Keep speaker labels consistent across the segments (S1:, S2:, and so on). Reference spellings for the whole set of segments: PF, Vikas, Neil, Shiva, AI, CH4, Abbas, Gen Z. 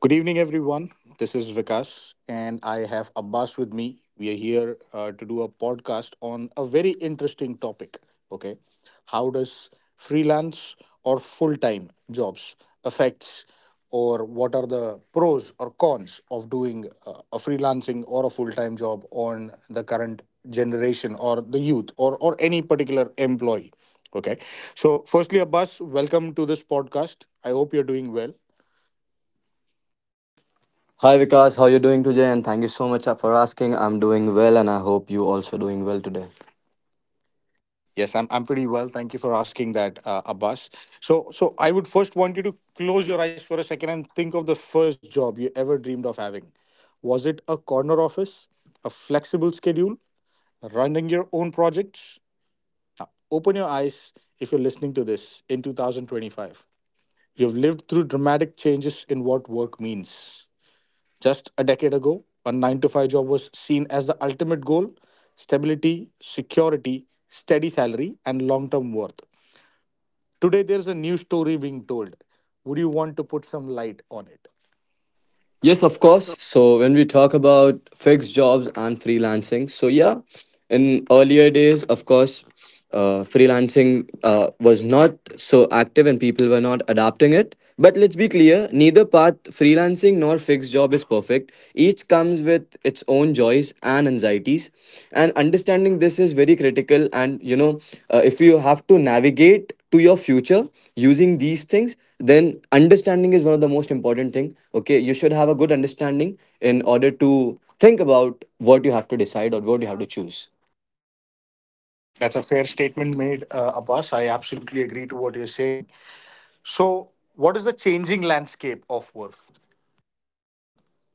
S1: Good evening, everyone. This is Vikas, and I have Abbas with me. We are here to do a podcast on a very interesting topic. Okay, how does freelance or full-time jobs affects, or what are the pros or cons of doing a freelancing or a full-time job on the current generation or the youth or any particular employee? Okay, so firstly, Abbas, welcome to this podcast. I hope you're doing well.
S2: Hi Vikas, how you doing today? And thank you so much for asking. I'm doing well, and I hope you also doing well today.
S1: Yes, I'm pretty well. Thank you for asking that, Abbas. So I would first want you to close your eyes for a second and think of the first job you ever dreamed of having. Was it a corner office, a flexible schedule, running your own projects? Now, open your eyes if you're listening to this in 2025. You've lived through dramatic changes in what work means. Just a decade ago, a 9 to 5 job was seen as the ultimate goal: stability, security, steady salary, and long term worth. Today, there's a new story being told. Would you want to put some light on it?
S2: Yes, of course. So when we talk about fixed jobs and freelancing, so yeah, in earlier days, of course, freelancing was not so active and people were not adapting it. But let's be clear, neither path, freelancing nor fixed job, is perfect. Each comes with its own joys and anxieties, and understanding this is very critical. And you know, if you have to navigate to your future using these things, then understanding is one of the most important thing. Okay, you should have a good understanding in order to think about what you have to decide or what you have to choose.
S1: That's a fair statement made, Abbas. I absolutely agree to what you're saying. So, what is the changing landscape of work?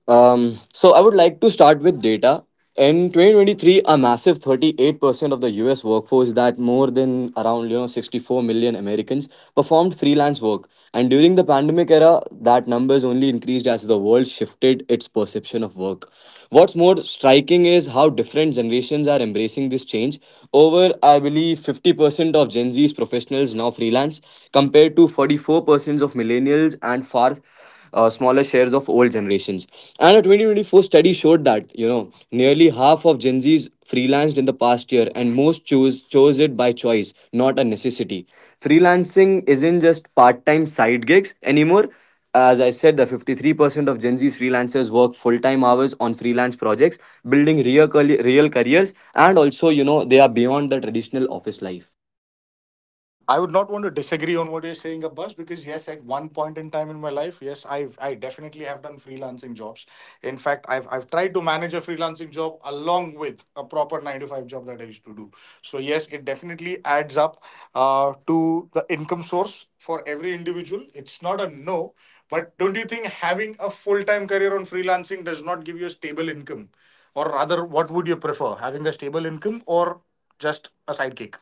S2: So I would like to start with data. In 2023, a massive 38% of the US workforce, that more than around, you know, 64 million Americans, performed freelance work. And during the pandemic era, that number is only increased as the world shifted its perception of work. What's more striking is how different generations are embracing this change. Over, I believe, 50% of Gen Z's professionals now freelance, compared to 44% of millennials and far smaller shares of old generations. And a 2024 study showed that, you know, nearly half of Gen Zs freelanced in the past year, and most chose it by choice, not a necessity. Freelancing isn't just part-time side gigs anymore. As I said, the 53% of Gen Z freelancers work full-time hours on freelance projects, building real careers, and also, you know, they are beyond the traditional office life.
S1: I would not want to disagree on what you're saying, Abbas, because yes, at one point in time in my life, yes, I definitely have done freelancing jobs. In fact, I've tried to manage a freelancing job along with a proper nine to five job that I used to do. So yes, it definitely adds up to the income source for every individual. It's not a no, but don't you think having a full time career on freelancing does not give you a stable income? Or rather, what would you prefer, having a stable income or just a sidekick?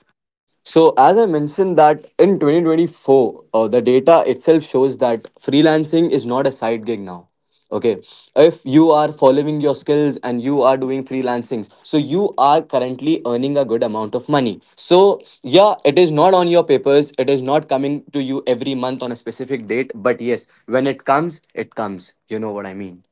S2: So, as I mentioned, that in 2024, the data itself shows that freelancing is not a side gig now. Okay, if you are following your skills and you are doing freelancings, so you are currently earning a good amount of money. So, yeah, it is not on your papers, it is not coming to you every month on a specific date, but yes, when it comes, it comes. You know what I mean.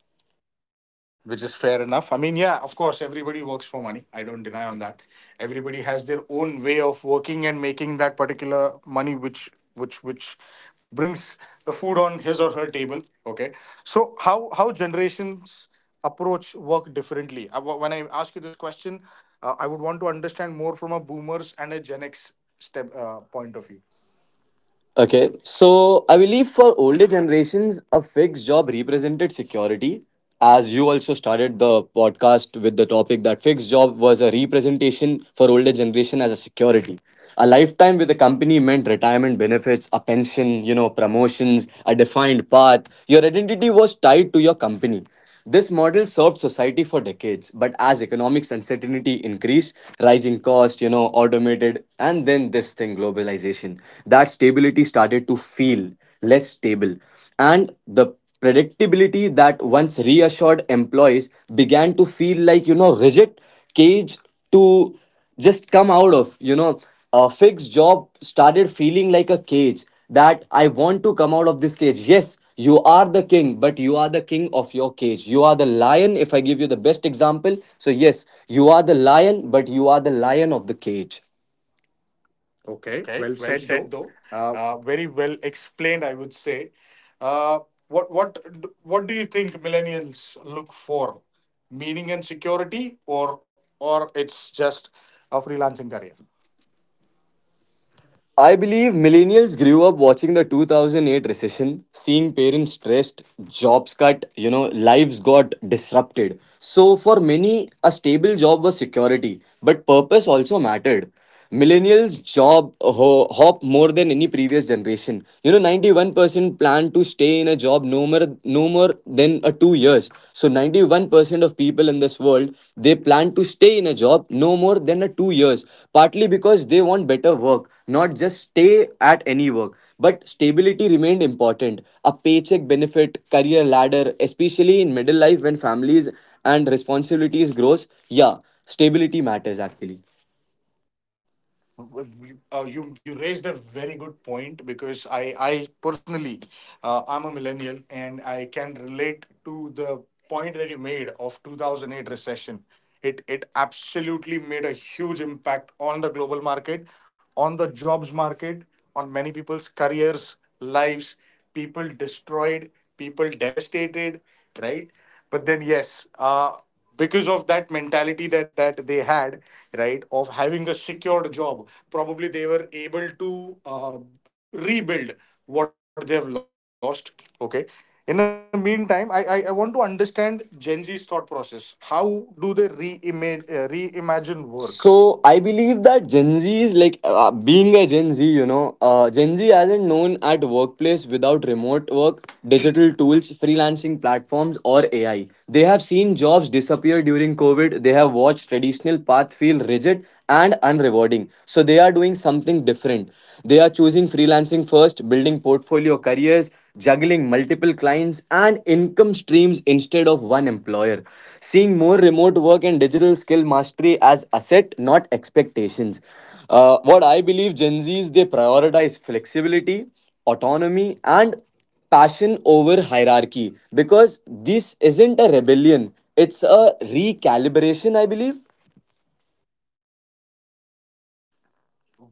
S1: Which is fair enough. I mean, yeah, of course, everybody works for money. I don't deny on that. Everybody has their own way of working and making that particular money, which which brings the food on his or her table. Okay, so how generations approach work differently? When I ask you this question, I would want to understand more from a boomers and a Gen X step point of view.
S2: Okay, so I believe for older generations, a fixed job represented security. As you also started the podcast with the topic that fixed job was a representation for older generation as a security. A lifetime with a company meant retirement benefits, a pension, you know, promotions, a defined path. Your identity was tied to your company. This model served society for decades, but as economics uncertainty increased, rising cost, you know, automated, and then this thing, globalization, that stability started to feel less stable. And the predictability that once reassured employees began to feel like, you know, rigid cage to just come out of, you know, a fixed job started feeling like a cage that I want to come out of this cage. Yes, you are the king, but you are the king of your cage. You are the lion, if I give you the best example. So yes, you are the lion, but you are the lion of the cage.
S1: Okay, well said though. Very well explained, I would say. Uh, what do you think millennials look for? Meaning and security, or it's just a freelancing career?
S2: I believe millennials grew up watching the 2008 recession, seeing parents stressed, jobs cut, you know, lives got disrupted. So, for many, a stable job was security, but purpose also mattered. Millennials job hop more than any previous generation. You know, 91% plan to stay in a job no more then a 2 years. So 91% of people in this world, they plan to stay in a job no more than a 2 years, partly because they want better work, not just stay at any work. But stability remained important. A paycheck benefit, career ladder, especially in middle life when families and responsibilities grows, yeah, stability matters actually.
S1: You raised a very good point because I personally I'm a millennial and I can relate to the point that you made of 2008 recession. It absolutely made a huge impact on the global market, on the jobs market, on many people's careers, lives. People destroyed, people devastated, right? But then yes, because of that mentality that they had, right, of having a secured job, probably they were able to uh, rebuild what they have lost. Okay, in the meantime, I want to understand Gen Z's thought process. How do they re-imagine reimagine work?
S2: So I believe that Gen Z is like, being a Gen Z, you know, Gen Z hasn't known at workplace without remote work, digital tools, freelancing platforms, or AI. They have seen jobs disappear during COVID. They have watched traditional paths feel rigid, and unrewarding. So they are doing something different. They are choosing freelancing first, building portfolio careers, juggling multiple clients and income streams instead of one employer. Seeing more remote work and digital skill mastery as asset, not expectations. What I believe Gen Zs they prioritize flexibility, autonomy, and passion over hierarchy, because this isn't a rebellion. It's a recalibration, I believe.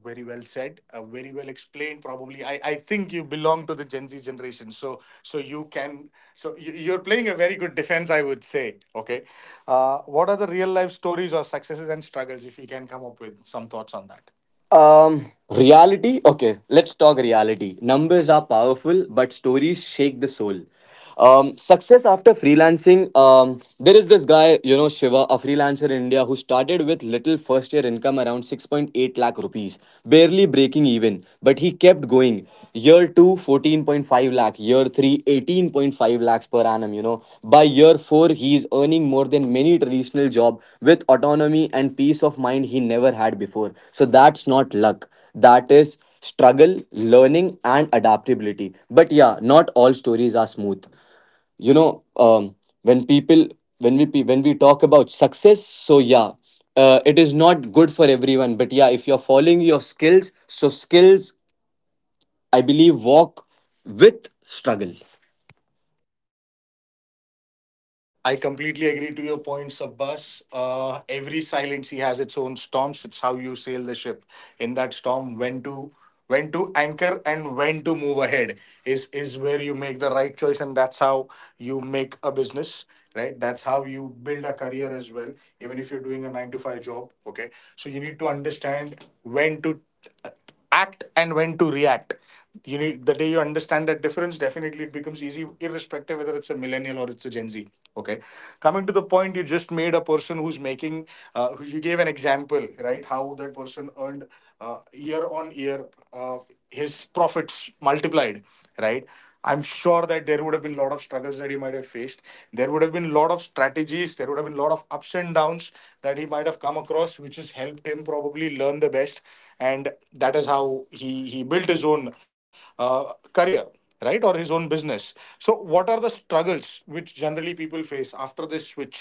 S1: Very well said, very well explained. Probably I think you belong to the Gen Z generation, so so you can, you're playing a very good defense, I would say. Okay, what are the real life stories or successes and struggles, if you can come up with some thoughts on that?
S2: Um, reality. Okay, let's talk reality. Numbers are powerful, but stories shake the soul. Success after freelancing. There is this guy, you know, Shiva, a freelancer in India who started with little first year income around 6.8 lakh rupees, barely breaking even, but he kept going. Year two, 14.5 lakh. Year three, 18.5 lakhs per annum, you know. By year 4, he is earning more than many traditional job, with autonomy and peace of mind he never had before. So that's not luck. That is struggle, learning, and adaptability. But yeah, not all stories are smooth, you know. um, when people, when we when we talk about success, so yeah, it is not good for everyone, but yeah, if you're following your skills, so skills, I believe, walk with struggle.
S1: I completely agree to your points, Abbas. Every silent sea has its own storms. It's how you sail the ship. In that storm, when to anchor and when to move ahead is where you make the right choice, and that's how you make a business, right? That's how you build a career as well. Even if you're doing a nine to five job, okay. So you need to understand when to act and when to react. You need, the day you understand that difference, definitely it becomes easy, irrespective whether it's a millennial or it's a Gen Z. Okay, coming to the point you just made, a person who's making you gave an example, right, how that person earned year on year, uh, his profits multiplied, right? I'm sure that there would have been a lot of struggles that he might have faced. There would have been a lot of strategies. There would have been a lot of ups and downs that he might have come across, which has helped him probably learn the best. And that is how he built his own career, right? Or his own business. So, what are the struggles which generally people face after this switch?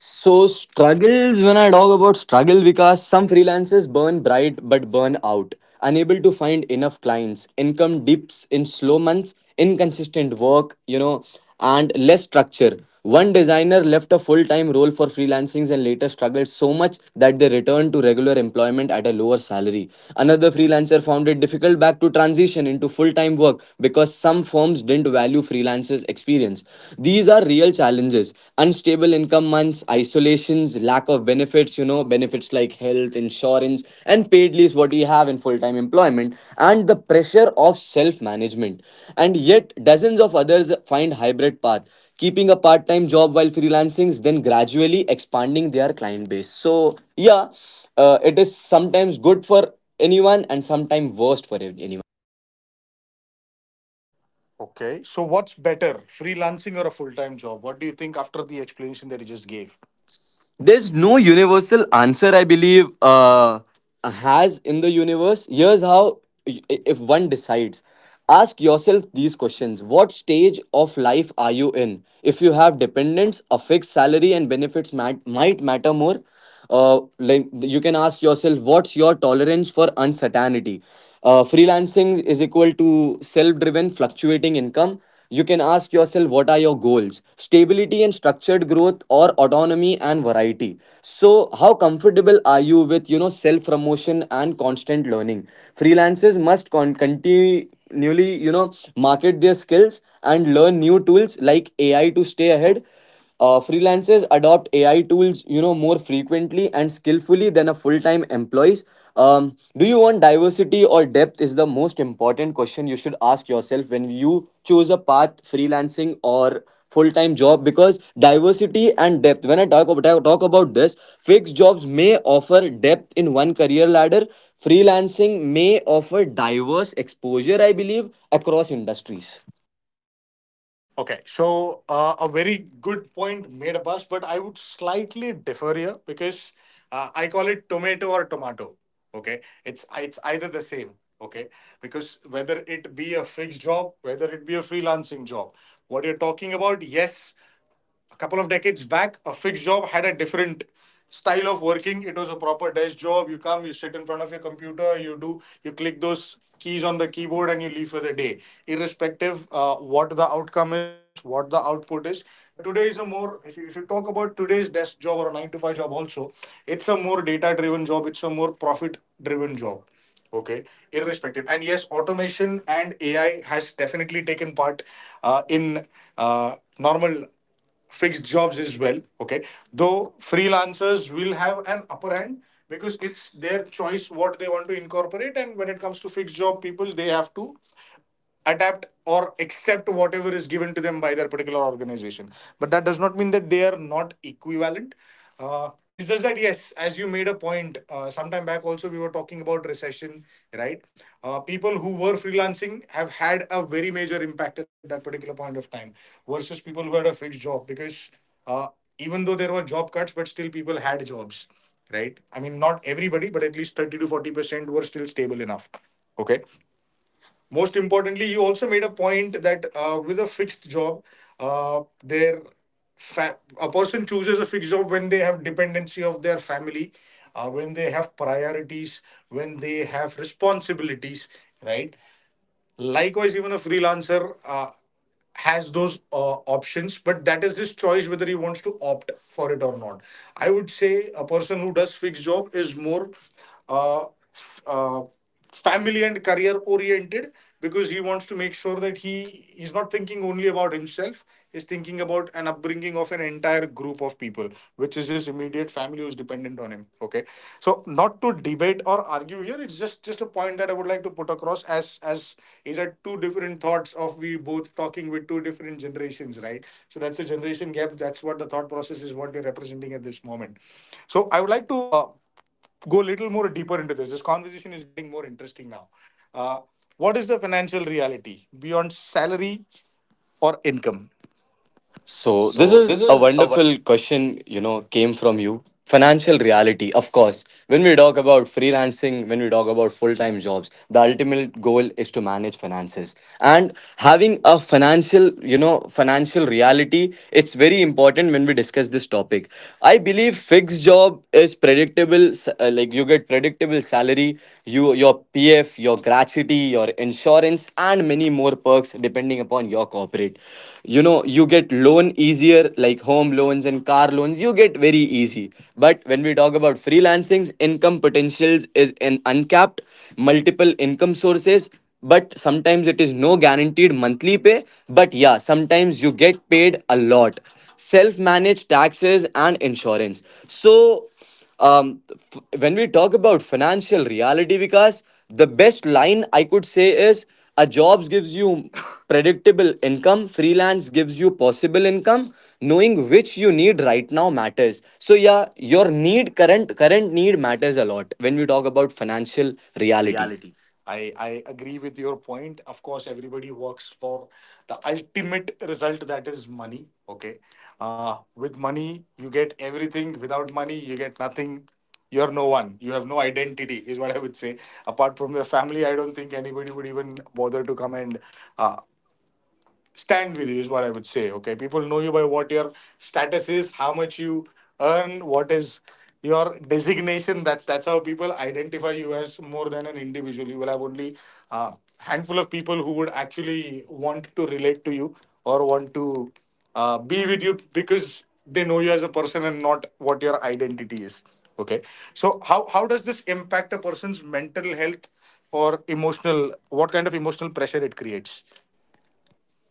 S2: So, struggles, when I talk about struggle, because some freelancers burn bright but burn out, unable to find enough clients, income dips in slow months, inconsistent work, you know, and less structure. One designer left a full time role for freelancing and later struggled so much that they returned to regular employment at a lower salary. Another freelancer found it difficult back to transition into full time work because some firms didn't value freelancers businesses experience. These are real challenges. Unstable income months, isolations, lack of benefits, you know, benefits like health, insurance, and paid leaves, what we have in full time employment, and the pressure of self management. And yet, dozens of others find hybrid path, keeping a part time job while freelancing, then gradually expanding their client base. So, yeah, it is sometimes good for anyone and sometimes worst for anyone.
S1: Okay. So, what's better, freelancing or a full time job? What do you think after the explanation that he just gave?
S2: There's no universal answer, I believe, has in the universe. Here's how i- if one decides. Ask yourself these questions. What stage of life are you in? If you have dependents, a fixed salary and benefits might matter more. Like, you can ask yourself, what's your tolerance for uncertainty? Freelancing is equal to self driven fluctuating income. You can ask yourself, what are your goals? Stability and structured growth or autonomy and variety. So how comfortable are you with, you know, self promotion and constant learning? Freelancers must continually, you know, market their skills and learn new tools like AI to stay ahead. Uh, freelancers adopt AI tools, you know, more frequently and skillfully than a full-time employees. Do you want diversity or depth? Is the most important question you should ask yourself when you choose a path, freelancing or full-time job. Because diversity and depth. When I talk about, I talk about this, fixed jobs may offer depth in one career ladder. Freelancing may offer diverse exposure, I believe, across industries.
S1: Okay, so a very good point made up us, but I would slightly differ here because I call it tomato or tomato. Okay, it's either the same. Okay, because whether it be a fixed job, whether it be a freelancing job, what you're talking about, yes, a couple of decades back, a fixed job had a different style of working. It was a proper desk job. You come, you sit in front of your computer, you do, you click those keys on the keyboard, and you leave for the day, irrespective what the outcome is, what the output is. But today is a more, if you talk about today's desk job or a nine to five job, also, it's a more data driven job. It's a more profit driven job. Okay, irrespective. And yes, automation and AI has definitely taken part in normal fixed jobs as well. Okay, though freelancers will have an upper hand because it's their choice what they want to incorporate, and when it comes to fixed job people, they have to adapt or accept whatever is given to them by their particular organization. But that does not mean that they are not equivalent. It's just that, yes, as you made a point, sometime back also we were talking about recession, right? People who were freelancing have had a very major impact at that particular point of time versus people who had a fixed job because uh, even though there were job cuts, but still people had jobs, right? I mean, not everybody, but at least 30 to 40% were still stable enough. Okay. Most importantly, you also made a point that with a fixed job, their a person chooses a fixed job when they have dependency of their family, when they have priorities, when they have responsibilities, right? Likewise, even a freelancer has those options, but that is his choice whether he wants to opt for it or not. I would say a person who does fixed job is more uh, f- uh, family and career oriented because he wants to make sure that he is not thinking only about himself. Is thinking about an upbringing of an entire group of people, which is his immediate family who's dependent on him. Okay, so not to debate or argue here, it's just a point that I would like to put across, as is that two different thoughts of we both talking with two different generations, right? So that's a generation gap. That's what the thought process is. What we're representing at this moment. So I would like to go a little more deeper into this. This conversation is getting more interesting now. Uh, what is the financial reality beyond salary or income?
S2: So
S1: So
S2: this
S1: this
S2: is
S1: is
S2: a
S1: a
S2: wonderful question, you know, came from you. Financial reality, of course. When we talk about freelancing, when we talk about full-time jobs, the ultimate goal is to manage finances. And having a financial, you know, financial reality, it's very important when we discuss this topic. I believe fixed job is predictable, like you get predictable salary, you your PF, your gratuity, your insurance, and many more perks depending upon your corporate. You know, you get loan easier like home loans and car loans, you get very easy. But when we talk about freelancings, income potentials is an uncapped, multiple income sources. But sometimes it is no guaranteed monthly pay. But yeah, sometimes you get paid a lot. Self managed taxes and insurance. So when we talk about financial reality, Vikas, the best line I could say is a jobs gives you predictable income, freelance gives you possible income. Knowing which you need right now matters. So yeah, your need, current need matters a lot when we talk about financial reality.
S1: reality. I agree with your point. Of course, everybody works for the ultimate result, that is money. Okay. With money, you get everything. Without money, you get nothing. You're no one. You have no identity, is what I would say. Apart from your family, I don't think anybody would even bother to come and uh, stand with you, is what I would say. Okay, people know you by what your status is, how much you earn, what is your designation. That's how people identify you as more than an individual. You will have only a handful of people who would actually want to relate to you or want to be with you because they know you as a person and not what your identity is. Okay, so how does this impact a person's mental health or emotional? What kind of emotional pressure it creates?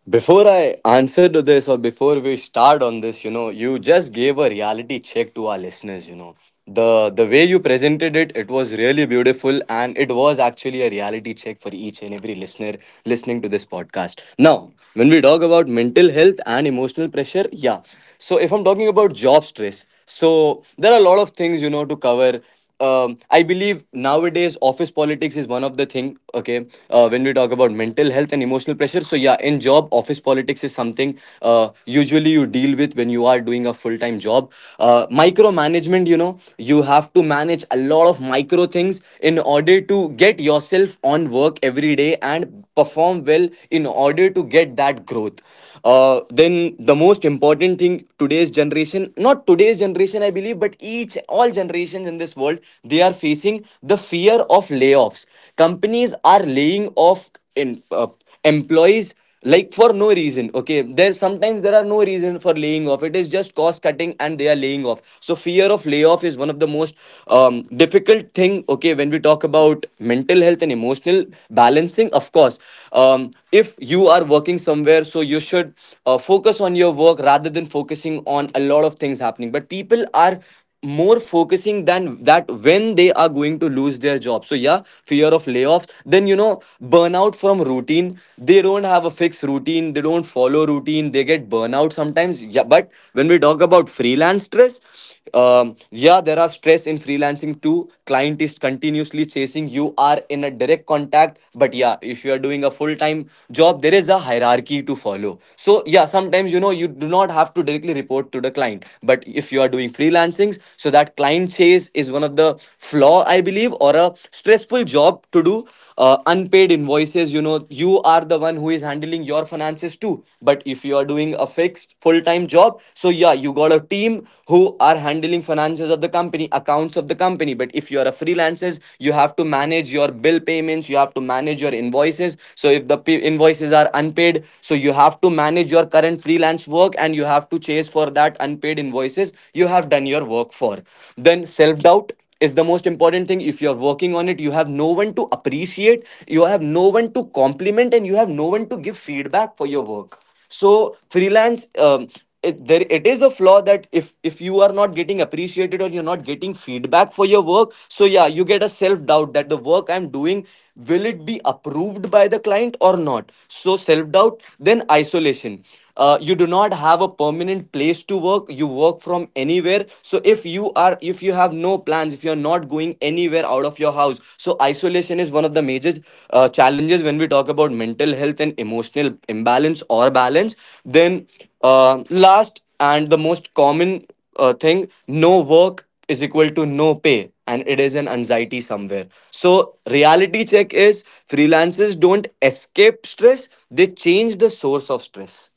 S2: Before I answer to this, or before we start on this, you know, you just gave a reality check to our listeners. You know, the way you presented it, it was really beautiful, and it was actually a reality check for each and every listener listening to this podcast. Now, when we talk about mental health and emotional pressure, yeah. So if I'm talking about job stress, so there are a lot of things, you know, to cover. I believe nowadays office politics is one of the thing. Okay, when we talk about mental health and emotional pressure, so yeah, in job office politics is something usually you deal with when you are doing a full time job. Micromanagement, you know, you have to manage a lot of micro things in order to get yourself on work every day and perform well in order to get that growth. Then the most important thing, today's generation, not today's generation, I believe, but each all generations in this world, they are facing the fear of layoffs. Companies are laying off, in, uh, employees like for no reason. Okay, there, sometimes there are no reason for laying off, it is just cost cutting and they are laying off. So fear of layoff is one of the most difficult thing. Okay, when we talk about mental health and emotional balancing, of course, if you are working somewhere, so you should focus on your work rather than focusing on a lot of things happening, but people are more focusing than that when they are going to lose their job. So yeah, fear of layoffs, then you know, burnout from routine. They don't have a fixed routine, they don't follow routine, they get burnout sometimes. Yeah, but when we talk about freelance stress, um, yeah, there are stress in freelancing too. Client is continuously chasing, you are in a direct contact. But yeah, if you are doing a full time job, there is a hierarchy to follow, so yeah, sometimes you know, you do not have to directly report to the client. But if you are doing freelancings, so that client chase is one of the flaw, I believe, or a stressful job to do. Unpaid invoices, you know, you are the one who is handling your finances too. But if you are doing a fixed full time job, so yeah, you got a team who are handling finances of the company, accounts of the company. But if you are a freelancer, you have to manage your bill payments, you have to manage your invoices. So if the invoices are unpaid, so you have to manage your current freelance work and you have to chase for or that unpaid invoices you have done your work for. Then self doubt is the most important thing. If you're working on it, you have no one to appreciate, you have no one to compliment, and you have no one to give feedback for your work. So freelance, there it is a flaw that if you are not getting appreciated or you're not getting feedback for your work, so yeah, you get a self doubt that the work I'm doing, will it be approved by the client or not. So self doubt, then isolation. You do not have a permanent place to work, you work from anywhere. So if you are, if you have no plans, if you're not going anywhere out of your house, so isolation is one of the major challenges when we talk about mental health and emotional imbalance or balance. Then last and the most common thing, no work is equal to no pay, and it is an anxiety somewhere. So reality check is, freelancers don't escape stress, they change the source of stress.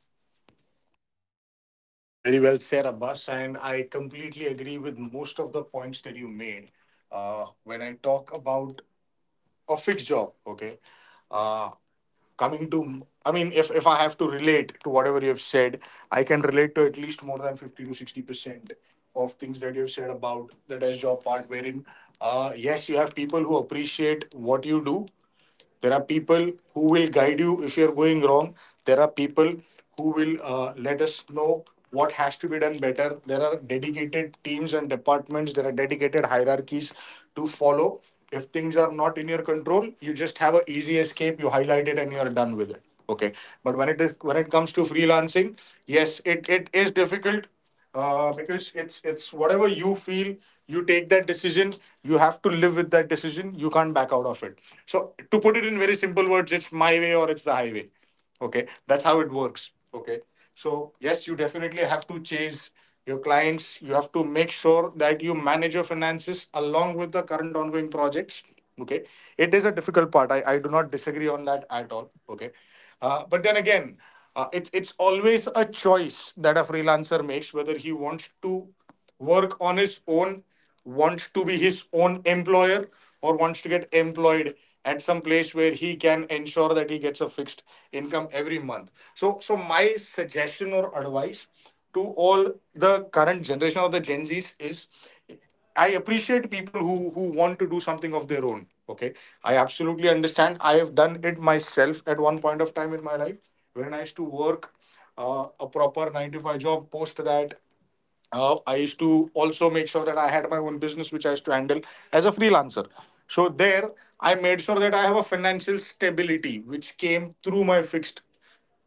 S1: Very well said, Abbas, and I completely agree with most of the points that you made. When I talk about a fixed job, okay, uh, coming to, I mean, if I have to relate to whatever you have said, I can relate to at least more than 50 to 60% of things that you have said about the desk job part, wherein, yes, you have people who appreciate what you do. There are people who will guide you if you're going wrong. There are people who will let us know what has to be done better. There are dedicated teams and departments. There are dedicated hierarchies to follow. If things are not in your control, you just have an easy escape. You highlight it and you are done with it. Okay, but when it comes to freelancing, yes, it is difficult because it's whatever you feel, you take that decision, you have to live with that decision, you can't back out of it. So, to put it in very simple words, it's my way or it's the highway. Okay, that's how it works. Okay, so yes, you definitely have to chase your clients, you have to make sure that you manage your finances along with the current ongoing projects. Okay, it is a difficult part. I do not disagree on that at all. Okay, but then again, it's always a choice that a freelancer makes, whether he wants to work on his own, wants to be his own employer, or wants to get employed at some place where he can ensure that he gets a fixed income every month. So my suggestion or advice to all the current generation of the Gen Zs is I appreciate people who want to do something of their own. Okay, I absolutely understand. I have done it myself at one point of time in my life when I used to work a proper nine to five job. Post that, I used to also make sure that I had my own business which I used to handle as a freelancer. So there, I made sure that I have a financial stability which came through my fixed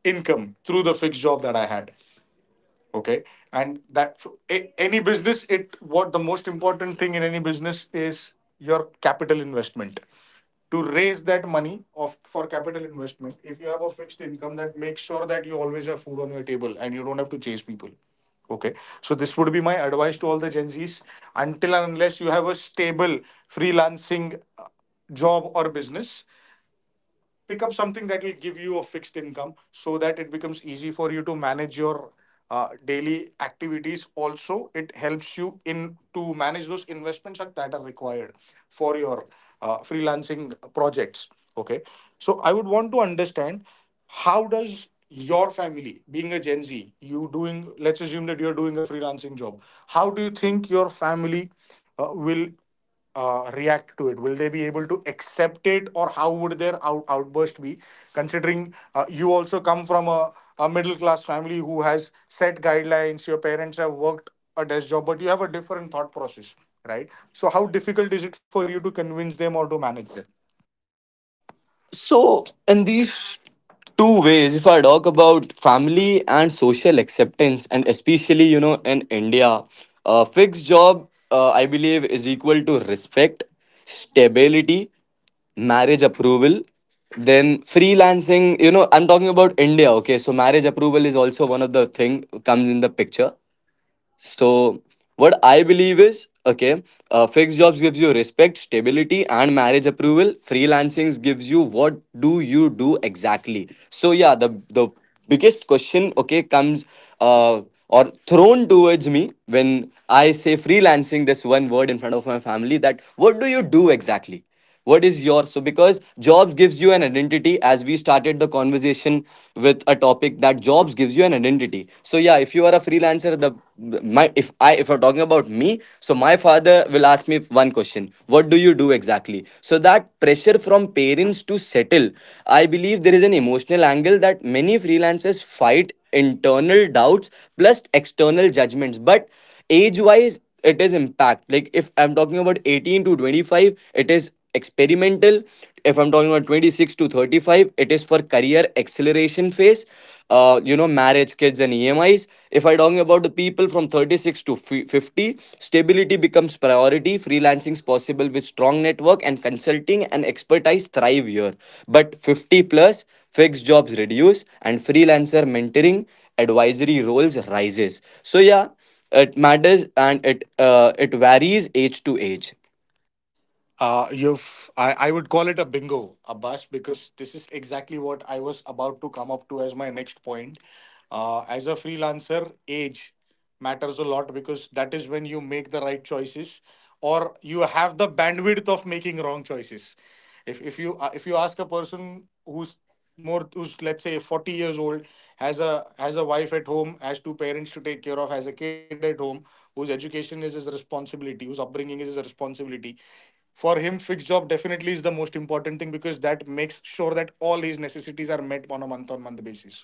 S1: income through the fixed job that I had. Okay, and that so a- any business, it what the most important thing in any business is your capital investment. To raise that money of for capital investment, if you have a fixed income, that makes sure that you always have food on your table and you don't have to chase people. Okay, so this would be my advice to all the Gen Z's. Until and unless you have a stable freelancing uh, job or business, pick up something that will give you a fixed income so that it becomes easy for you to manage your daily activities. Also, it helps you in to manage those investments that are required for your freelancing projects. Okay, so I would want to understand, how does your family, being a Gen Z, you doing, let's assume that you're doing a freelancing job, how do you think your family will react to it? Will they be able to accept it, or how would their outburst be? Considering you also come from a middle class family who has set guidelines, your parents have worked a desk job, but you have a different thought process, right? So, how difficult is it for you to convince them or to manage them?
S2: So in these two ways, if I talk about family and social acceptance, and especially, you know, in India, a fixed job, I believe, is equal to respect, stability, marriage approval. Then freelancing, you know, I'm talking about India, okay? So marriage approval is also one of the thing comes in the picture. So what I believe is, okay, fixed jobs gives you respect, stability, and marriage approval. Freelancing gives you what do you do exactly. So yeah, the biggest question, okay, comes uh, or thrown towards me when I say freelancing. This one word in front of my family, that what do you do exactly? What is yours? So because jobs gives you an identity, as we started the conversation with a topic that jobs gives you an identity. So yeah, if you are a freelancer, the my, if I'm talking about me, so my father will ask me one question, what do you do exactly? So that pressure from parents to settle, I believe there is an emotional angle that many freelancers fight internal doubts plus external judgments. But age wise it is impact. Like if I'm talking about 18 to 25, it is experimental. If I'm talking about 26 to 35, it is for career acceleration phase, you know, marriage, kids, and EMIs. If I am talking about the people from 36 to 50, stability becomes priority. Freelancing is possible with strong network, and consulting and expertise thrive here. But 50 plus, fixed jobs reduce, and freelancer mentoring, advisory roles rises. So yeah, it matters, and it varies age to age.
S1: You've I would call it a bingo, Abbas, because this is exactly what I was about to come up to as my next point. As a freelancer, age matters a lot because that is when you make the right choices or you have the bandwidth of making wrong choices. If you if you ask a person who's, let's say, 40 years old, has a wife at home, has two parents to take care of, has a kid at home, whose education is his responsibility, whose upbringing is his responsibility, for him fixed job definitely is the most important thing because that makes sure that all his necessities are met on a month on month basis,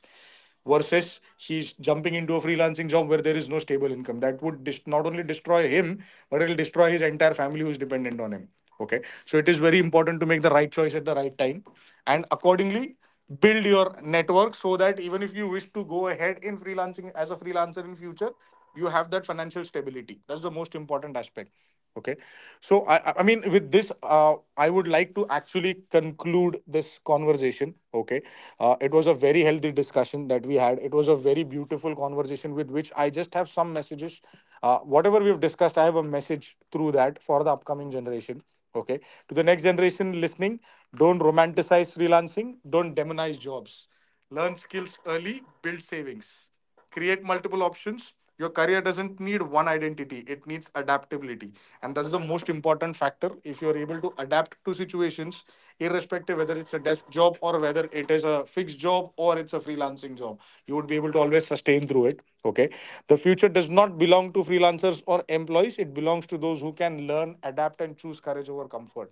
S1: versus he's jumping into a freelancing job where there is no stable income. That would not only destroy him, but it'll destroy his entire family who is dependent on him. Okay, so it is very important to make the right choice at the right time, and accordingly build your network so that even if you wish to go ahead in freelancing as a freelancer in future, you have that financial stability. That's the most important aspect. Okay, so I mean, with this, I would like to actually conclude this conversation. Okay, it was a very healthy discussion that we had. It was a very beautiful conversation, with which I just have some messages. Whatever we've discussed, I have a message through that for the upcoming generation. Okay, to the next generation listening, don't romanticize freelancing. Don't demonize jobs. Learn skills early. Build savings, create multiple options. Your career doesn't need one identity, it needs adaptability, and that's the most important factor. If you're able to adapt to situations, irrespective whether it's a desk job or whether it is a fixed job or it's a freelancing job, you would be able to always sustain through it. Okay, the future does not belong to freelancers or employees, it belongs to those who can learn, adapt, and choose courage over comfort.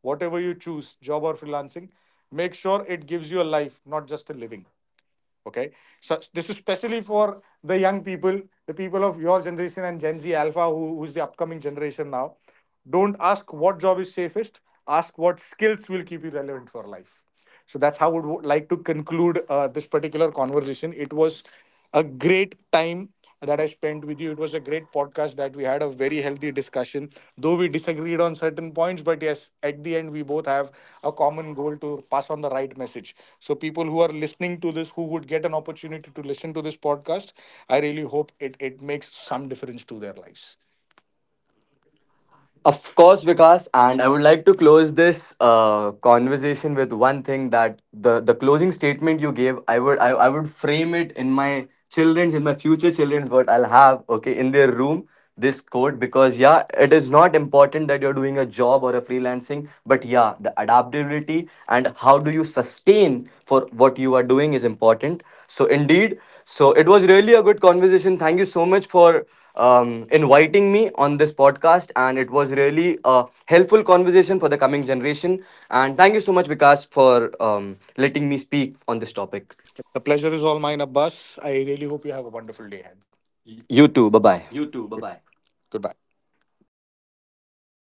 S1: Whatever you choose, job or freelancing, make sure it gives you a life, not just a living. Okay, so this is especially for the young people, the people of your generation and Gen Z Alpha, who's the upcoming generation now. Don't ask what job is safest, ask what skills will keep you relevant for life. So that's how I would like to conclude this particular conversation. It was a great time that I spent with you. It was a great podcast that we had, a very healthy discussion. Though we disagreed on certain points, but yes, at the end we both have a common goal to pass on the right message, so people who are listening to this, who would get an opportunity to listen to this podcast, I really hope it makes some difference to their lives.
S2: Of course, Vikas, and I would like to close this conversation with one thing, that the closing statement you gave, I would, I would frame it in my future children's, what I'll have, okay, in their room, this quote. Because yeah, it is not important that you're doing a job or a freelancing, but yeah, the adaptability and how do you sustain for what you are doing is important. So indeed. So it was really a good conversation. Thank you so much for inviting me on this podcast, and it was really a helpful conversation for the coming generation. And thank you so much, Vikas, for letting me speak on this topic.
S1: The pleasure is all mine, Abbas. I really hope you have a wonderful day ahead.
S2: You
S1: You
S2: too. Bye
S1: too. Bye bye.
S2: bye.
S1: Goodbye.